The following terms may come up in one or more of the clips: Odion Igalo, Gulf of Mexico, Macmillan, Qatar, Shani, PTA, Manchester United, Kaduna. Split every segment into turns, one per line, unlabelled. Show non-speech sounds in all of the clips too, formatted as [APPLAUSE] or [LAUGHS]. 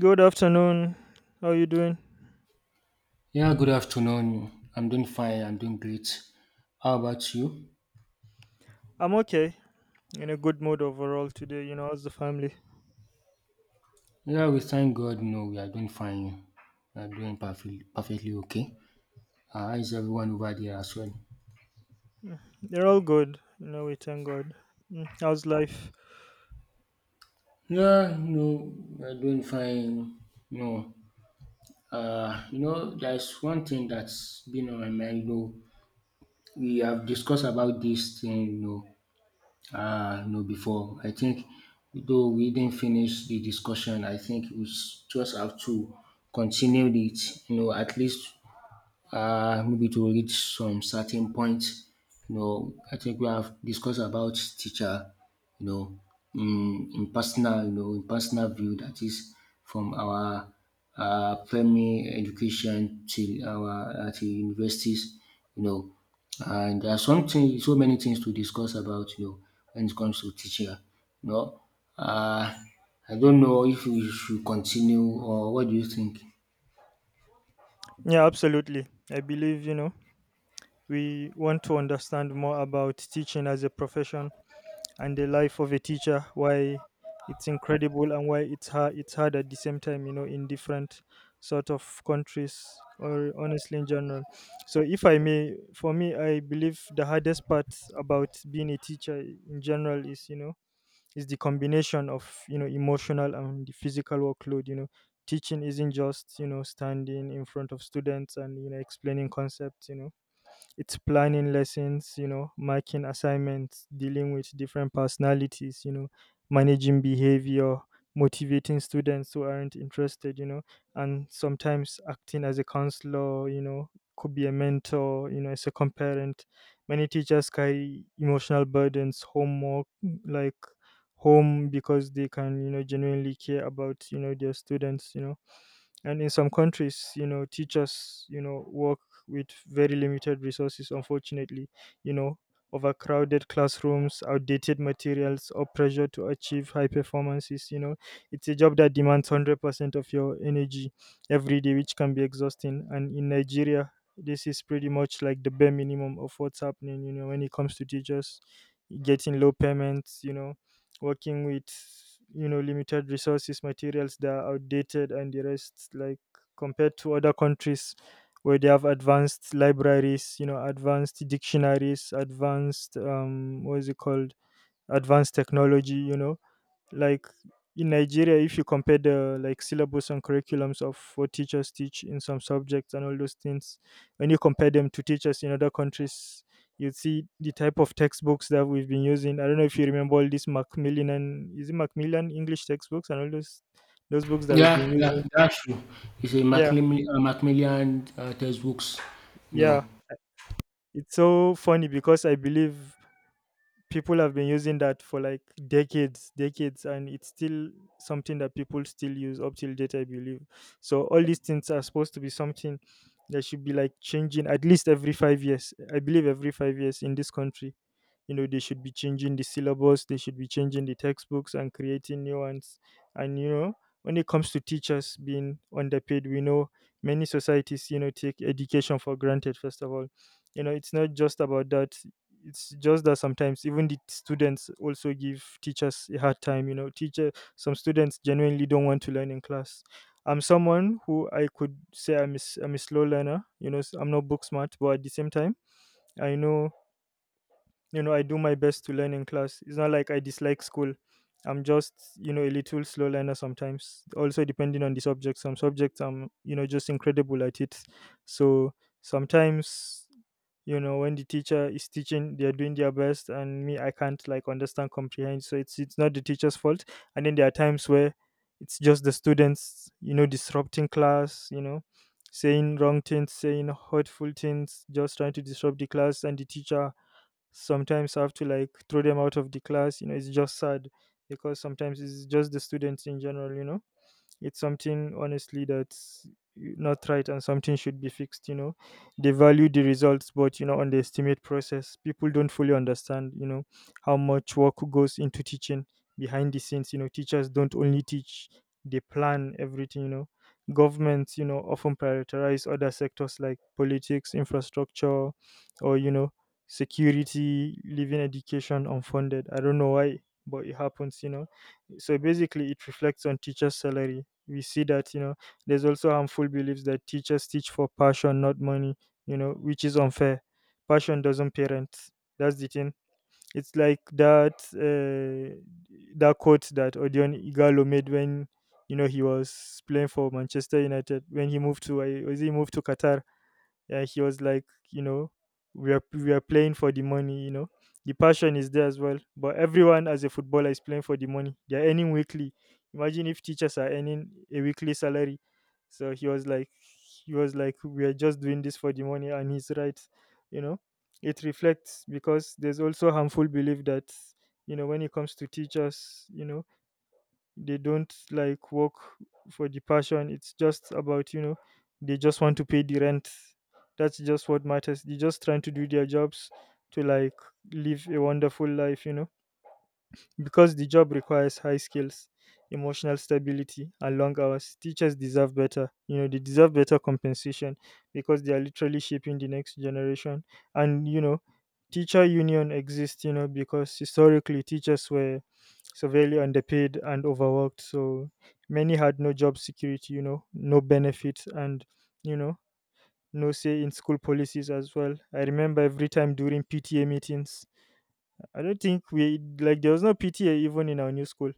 Good afternoon. How are you doing?
Yeah, good afternoon. I'm doing fine. I'm doing great. How about you?
I'm okay. In a good mood overall today. How's the family?
Yeah, we thank God. No, we are doing fine. We are doing perfectly, perfectly okay. How is everyone over there as well?
They're all good. We thank God. How's life?
Yeah, no, we are doing fine. No, there's one thing that's been on my mind. Though we have discussed about this thing. No, before I think, though we didn't finish the discussion, I think we just have to continue it. At least maybe to reach some certain point. I think we have discussed about teacher, you know, in personal, in personal view, that is from our primary education till our till universities, you know, and there are something, so many things to discuss about, when it comes to teacher, you know. Uh, I don't know if we should continue, or what do you think?
Yeah, absolutely. I believe, we want to understand more about teaching as a profession and the life of a teacher, why it's incredible and why it's hard at the same time, in different sort of countries, or honestly in general. So if I may, for me, I believe the hardest part about being a teacher in general is the combination of emotional and the physical workload. Teaching isn't just standing in front of students and explaining concepts, you know. It's planning lessons, marking assignments, dealing with different personalities, managing behavior, motivating students who aren't interested, and sometimes acting as a counselor, could be a mentor, a second parent. Many teachers carry emotional burdens, homework, like home, because they can genuinely care about their students and in some countries, teachers, work with very limited resources, unfortunately, you know, overcrowded classrooms, outdated materials, or pressure to achieve high performances it's a job that demands 100% of your energy every day, which can be exhausting. And in Nigeria, this is pretty much like the bare minimum of what's happening, when it comes to teachers getting low payments, working with limited resources, materials that are outdated and the rest, like, compared to other countries where they have advanced libraries, advanced dictionaries, advanced, what is it called, advanced technology, like, in Nigeria, if you compare the, like, syllabus and curriculums of what teachers teach in some subjects and all those things, when you compare them to teachers in other countries, you'd see the type of textbooks that we've been using. I don't know if you remember all these Macmillan, and is it Macmillan English textbooks and all those books that we've been
Yeah,
using.
yeah, that's true. It's a
Yeah,
Macmillan textbooks. No.
yeah. It's so funny because I believe people have been using that for like decades, and it's still something that people still use up till date, I believe. So all these things are supposed to be something that should be like changing at least every 5 years. I believe every 5 years in this country, they should be changing the syllabus, they should be changing the textbooks and creating new ones. And, when it comes to teachers being underpaid, we know many societies, take education for granted. First of all, it's not just about that. It's just that sometimes even the students also give teachers a hard time. Teacher, some students genuinely don't want to learn in class. I'm someone who, I could say, I'm a slow learner, I'm not book smart, but at the same time, I know, I do my best to learn in class. It's not like I dislike school, I'm just, a little slow learner. Sometimes also depending on the subject, some subjects I'm, just incredible at it. So sometimes, when the teacher is teaching, they are doing their best, and me, I can't like understand, comprehend, so it's not the teacher's fault. And then there are times where it's just the students, disrupting class, saying wrong things, saying hurtful things, just trying to disrupt the class, and the teacher sometimes I have to like throw them out of the class. You know, it's just sad because sometimes it's just the students in general it's something, honestly, that's not right, and something should be fixed they value the results but, underestimate process. People don't fully understand, how much work goes into teaching behind the scenes. Teachers don't only teach, they plan everything governments, often prioritize other sectors like politics, infrastructure, or, security, leaving education unfunded. I don't know why, but it happens, you know. So basically it reflects on teachers salary. We see that, there's also harmful beliefs that teachers teach for passion, not money, which is unfair. Passion doesn't parent. That's the thing. It's like that, that quote that Odion Igalo made when, he was playing for Manchester United, when he moved to, was he moved to Qatar, yeah, he was like, you know, we are playing for the money. You know, the passion is there as well, but everyone as a footballer is playing for the money. They're earning weekly. Imagine if teachers are earning a weekly salary. So he was like, we are just doing this for the money, and he's right. You know, it reflects because there's also harmful belief that, when it comes to teachers, they don't like work for the passion. It's just about, they just want to pay the rent. That's just what matters. They're just trying to do their jobs to like live a wonderful life, because the job requires high skills, emotional stability, and long hours. Teachers deserve better. You know, they deserve better compensation because they are literally shaping the next generation. And, teacher union exists, because historically teachers were severely underpaid and overworked. So many had no job security, no benefits, and, you know, no say in school policies as well. I remember every time during PTA meetings, I don't think we like there was no PTA even in our new school,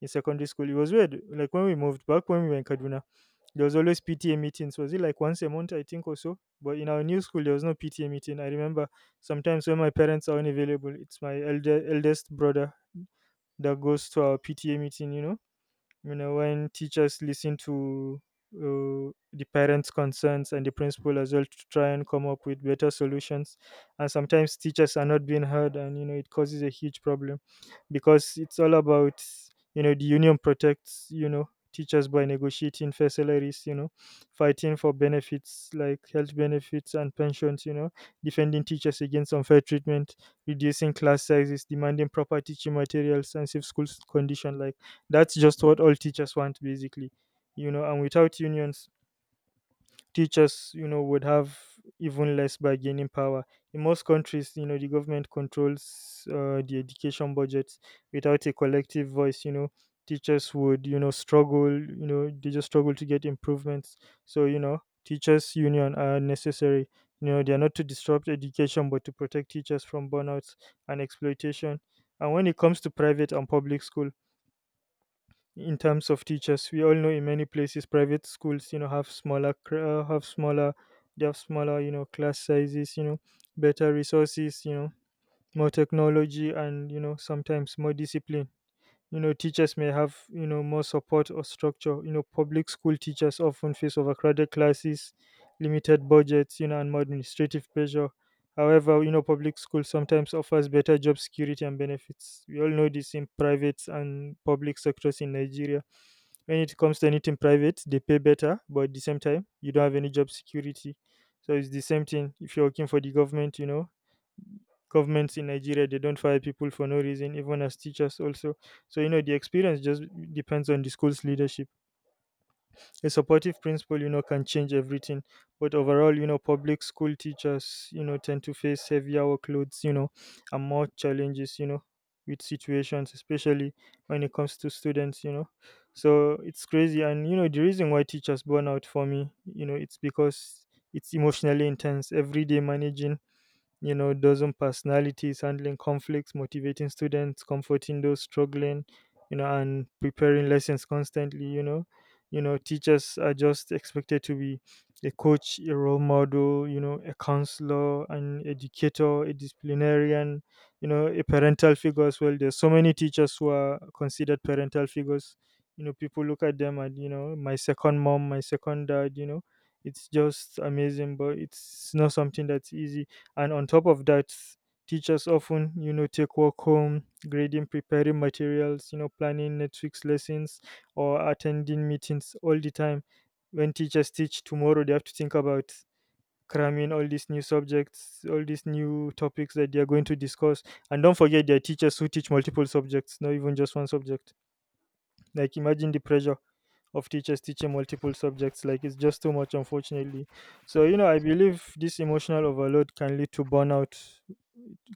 in secondary school. It was weird. Like when we moved back when we were in Kaduna, there was always PTA meetings. Was it like once a month, I think, or so? But in our new school, there was no PTA meeting. I remember sometimes when my parents are unavailable, it's my elder eldest brother that goes to our PTA meeting. When teachers listen to the parents concerns and the principal as well, to try and come up with better solutions, and sometimes teachers are not being heard, and it causes a huge problem because it's all about, the union protects, teachers by negotiating fair salaries, fighting for benefits like health benefits and pensions, defending teachers against unfair treatment, reducing class sizes, demanding proper teaching materials and safe school condition. Like, that's just what all teachers want basically, you know. And without unions, teachers, would have even less bargaining power. In most countries, the government controls the education budgets without a collective voice. You know, teachers would, struggle. You know, they just struggle to get improvements. So, teachers' union are necessary. You know, they are not to disrupt education, but to protect teachers from burnouts and exploitation. And when it comes to private and public schools in terms of teachers, we all know in many places private schools, have smaller cra- have smaller they have smaller, class sizes, better resources, more technology, and, sometimes more discipline. Teachers may have, more support or structure. Public school teachers often face overcrowded classes, limited budgets, and more administrative pressure. However, public school sometimes offers better job security and benefits. We all know this in private and public sectors in Nigeria. When it comes to anything private, they pay better, but at the same time, you don't have any job security. So it's the same thing if you're working for the government, you know. Governments in Nigeria, they don't fire people for no reason, even as teachers, also. So, the experience just depends on the school's leadership. A supportive principal, can change everything. But overall, public school teachers, tend to face heavier workloads, and more challenges, with situations especially when it comes to students so it's crazy. And, the reason why teachers burn out, for me, it's because it's emotionally intense every day, managing, dozen personalities, handling conflicts, motivating students, comforting those struggling, and preparing lessons constantly. Teachers are just expected to be a coach, a role model, a counselor, an educator, a disciplinarian, a parental figure as well. There's so many teachers who are considered parental figures. People look at them and, my second mom, my second dad, it's just amazing, but it's not something that's easy. And on top of that, teachers often, take work home, grading, preparing materials, planning next week's lessons or attending meetings all the time. When teachers teach tomorrow, they have to think about cramming all these new subjects, all these new topics that they are going to discuss. And don't forget, there are teachers who teach multiple subjects, not even just one subject. Like, imagine the pressure of teachers teaching multiple subjects. Like, it's just too much, unfortunately. So, I believe this emotional overload can lead to burnout,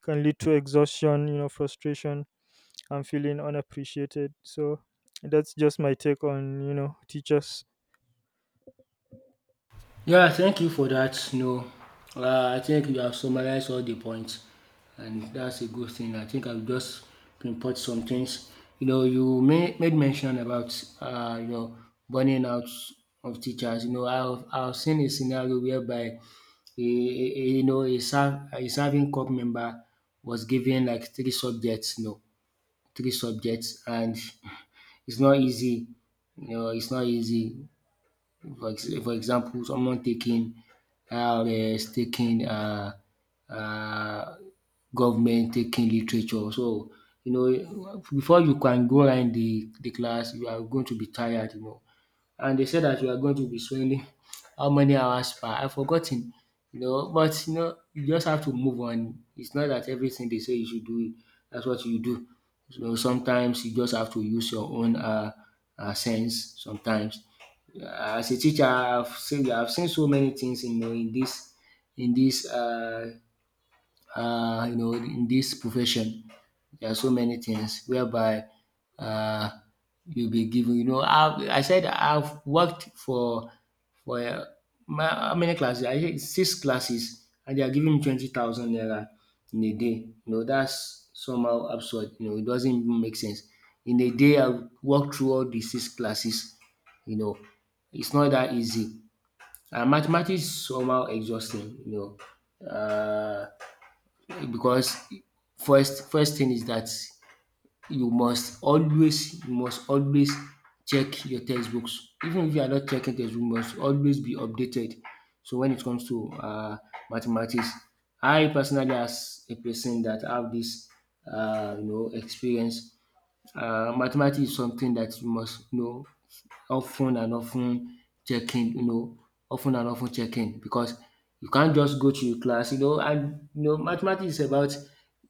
can lead to exhaustion, frustration, and feeling unappreciated. So that's just my take on, teachers.
Yeah, thank you for that. No, I think you have summarized all the points, and that's a good thing. I think I'll just pinpoint some things. You made mention about uh, you know burning out of teachers. I've seen a scenario whereby a serving corps member was given like three subjects. Three subjects. And it's not easy, it's not easy. For example, someone taking RS, taking um government, taking literature. So, before you can go around the class, you are going to be tired, and they said that you are going to be swimming how many hours per, I have forgotten, but you just have to move on. It's not that everything they say you should do, that's what you do. So sometimes you just have to use your own sense sometimes. As a teacher, I've seen so many things in this in this you know, in this profession. There are so many things whereby uh, you'll be given. I said I've worked for how many classes? I think six classes, and they are giving me 20,000 naira in a day. That's somehow absurd. It doesn't even make sense. In a day, I've worked through all the six classes. You know, it's not that easy. And mathematics is somehow exhausting. Know, uh, because first thing is that you must always check your textbooks. Even if you are not checking textbook, you must always be updated. So when it comes to mathematics, I personally, as a person that have this experience, mathematics is something that you must know, often and often checking, often and often checking, because you can't just go to your class, and mathematics is about,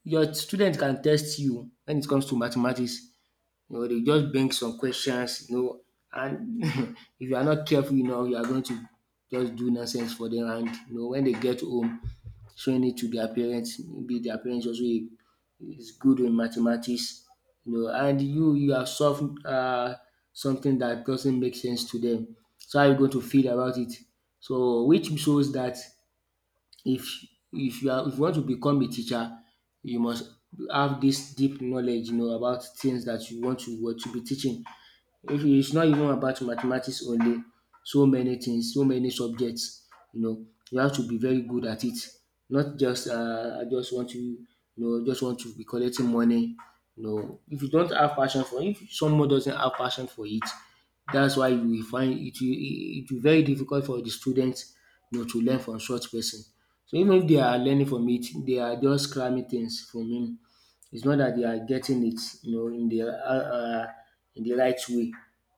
your student can test you when it comes to mathematics, they just bring some questions, and [LAUGHS] if you are not careful, you are going to just do nonsense for them. And when they get home, showing it to their parents, maybe their parents also is good in mathematics, and you have solved something that doesn't make sense to them. So how are you going to feel about it? So which shows that, if if you want to become a teacher, you must have this deep knowledge, about things that you want to, what you be teaching. If you- it's not even about mathematics only, so many things, so many subjects, you have to be very good at it. Not just I just want to, just want to be collecting money. If you don't have passion for, if someone doesn't have passion for it, that's why you will find it will, very difficult for the students, to learn from such person. So even if they are learning from it, they are just cramming things from him. It's not that they are getting it, in the right way.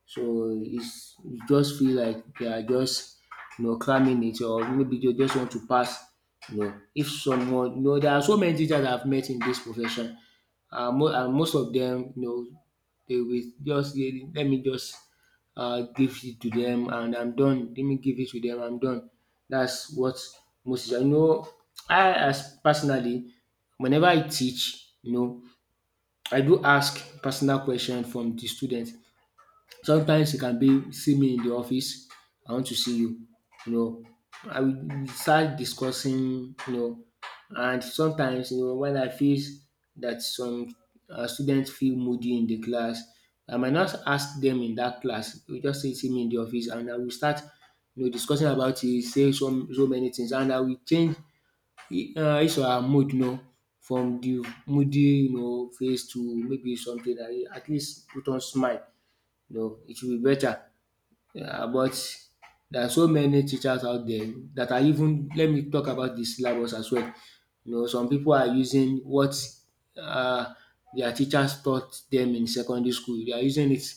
So it's, you just feel like they are just cramming it, or maybe they just want to pass. If someone, there are so many teachers I've met in this profession. And most of them, they will just let me just give it to them and I'm done. Let me give it to them, I'm done. That's what most, I know. I, as personally, whenever I teach, I do ask personal question from the student. Sometimes it can be, see me in the office, I want to see you. You know, I will start discussing, and sometimes, when I feel that some students feel moody in the class, I might not ask them in that class. You just say, see me in the office, and I will start discussing about it, say some, so many things, and I will change dis our mood, from the moody face to maybe something that you at least put on smile, it will be better. But there are so many teachers out there that are even, let me talk about de syllabus as well. Some people are using what uh their teachers taught them in secondary school, they are using it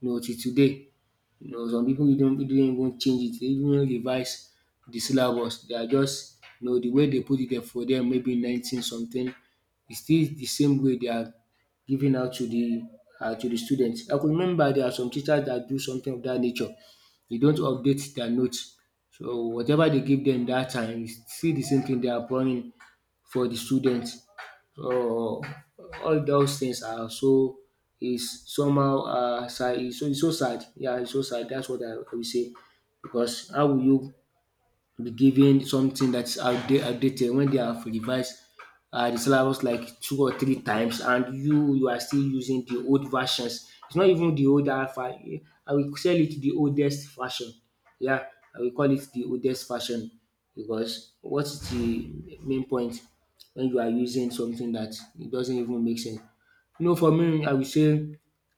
till today. Some people, you don't even change it. They even revise the syllabus. They are just, the way they put it there for them, maybe nineteen something, is still the same way they are giving out to the students. I could remember there are some teachers that do something of that nature. They don't update their notes, so whatever they give them that time, it's still the same thing they are pouring for the students. So all those things are is somehow sad. It's so, it's so sad. Yeah, it's so sad. That's what I will say. Because how will you be given something that is outdated when they have revised the syllabus like two or three times, and you are still using the old versions? It's not even the old alpha. I will sell it the oldest fashion. Yeah, I will call it the oldest fashion, because what's the main point when you are using something that it doesn't even make sense? For me, I will say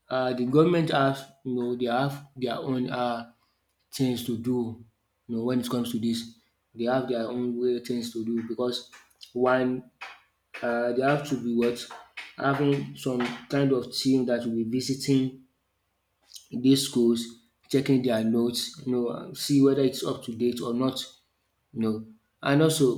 the government have, they have their own things to do, when it comes to this. They have their own way, things to do, because one, they have to be, what, having some kind of team that will be visiting these schools, checking their notes, see whether it's up to date or not. You know, and also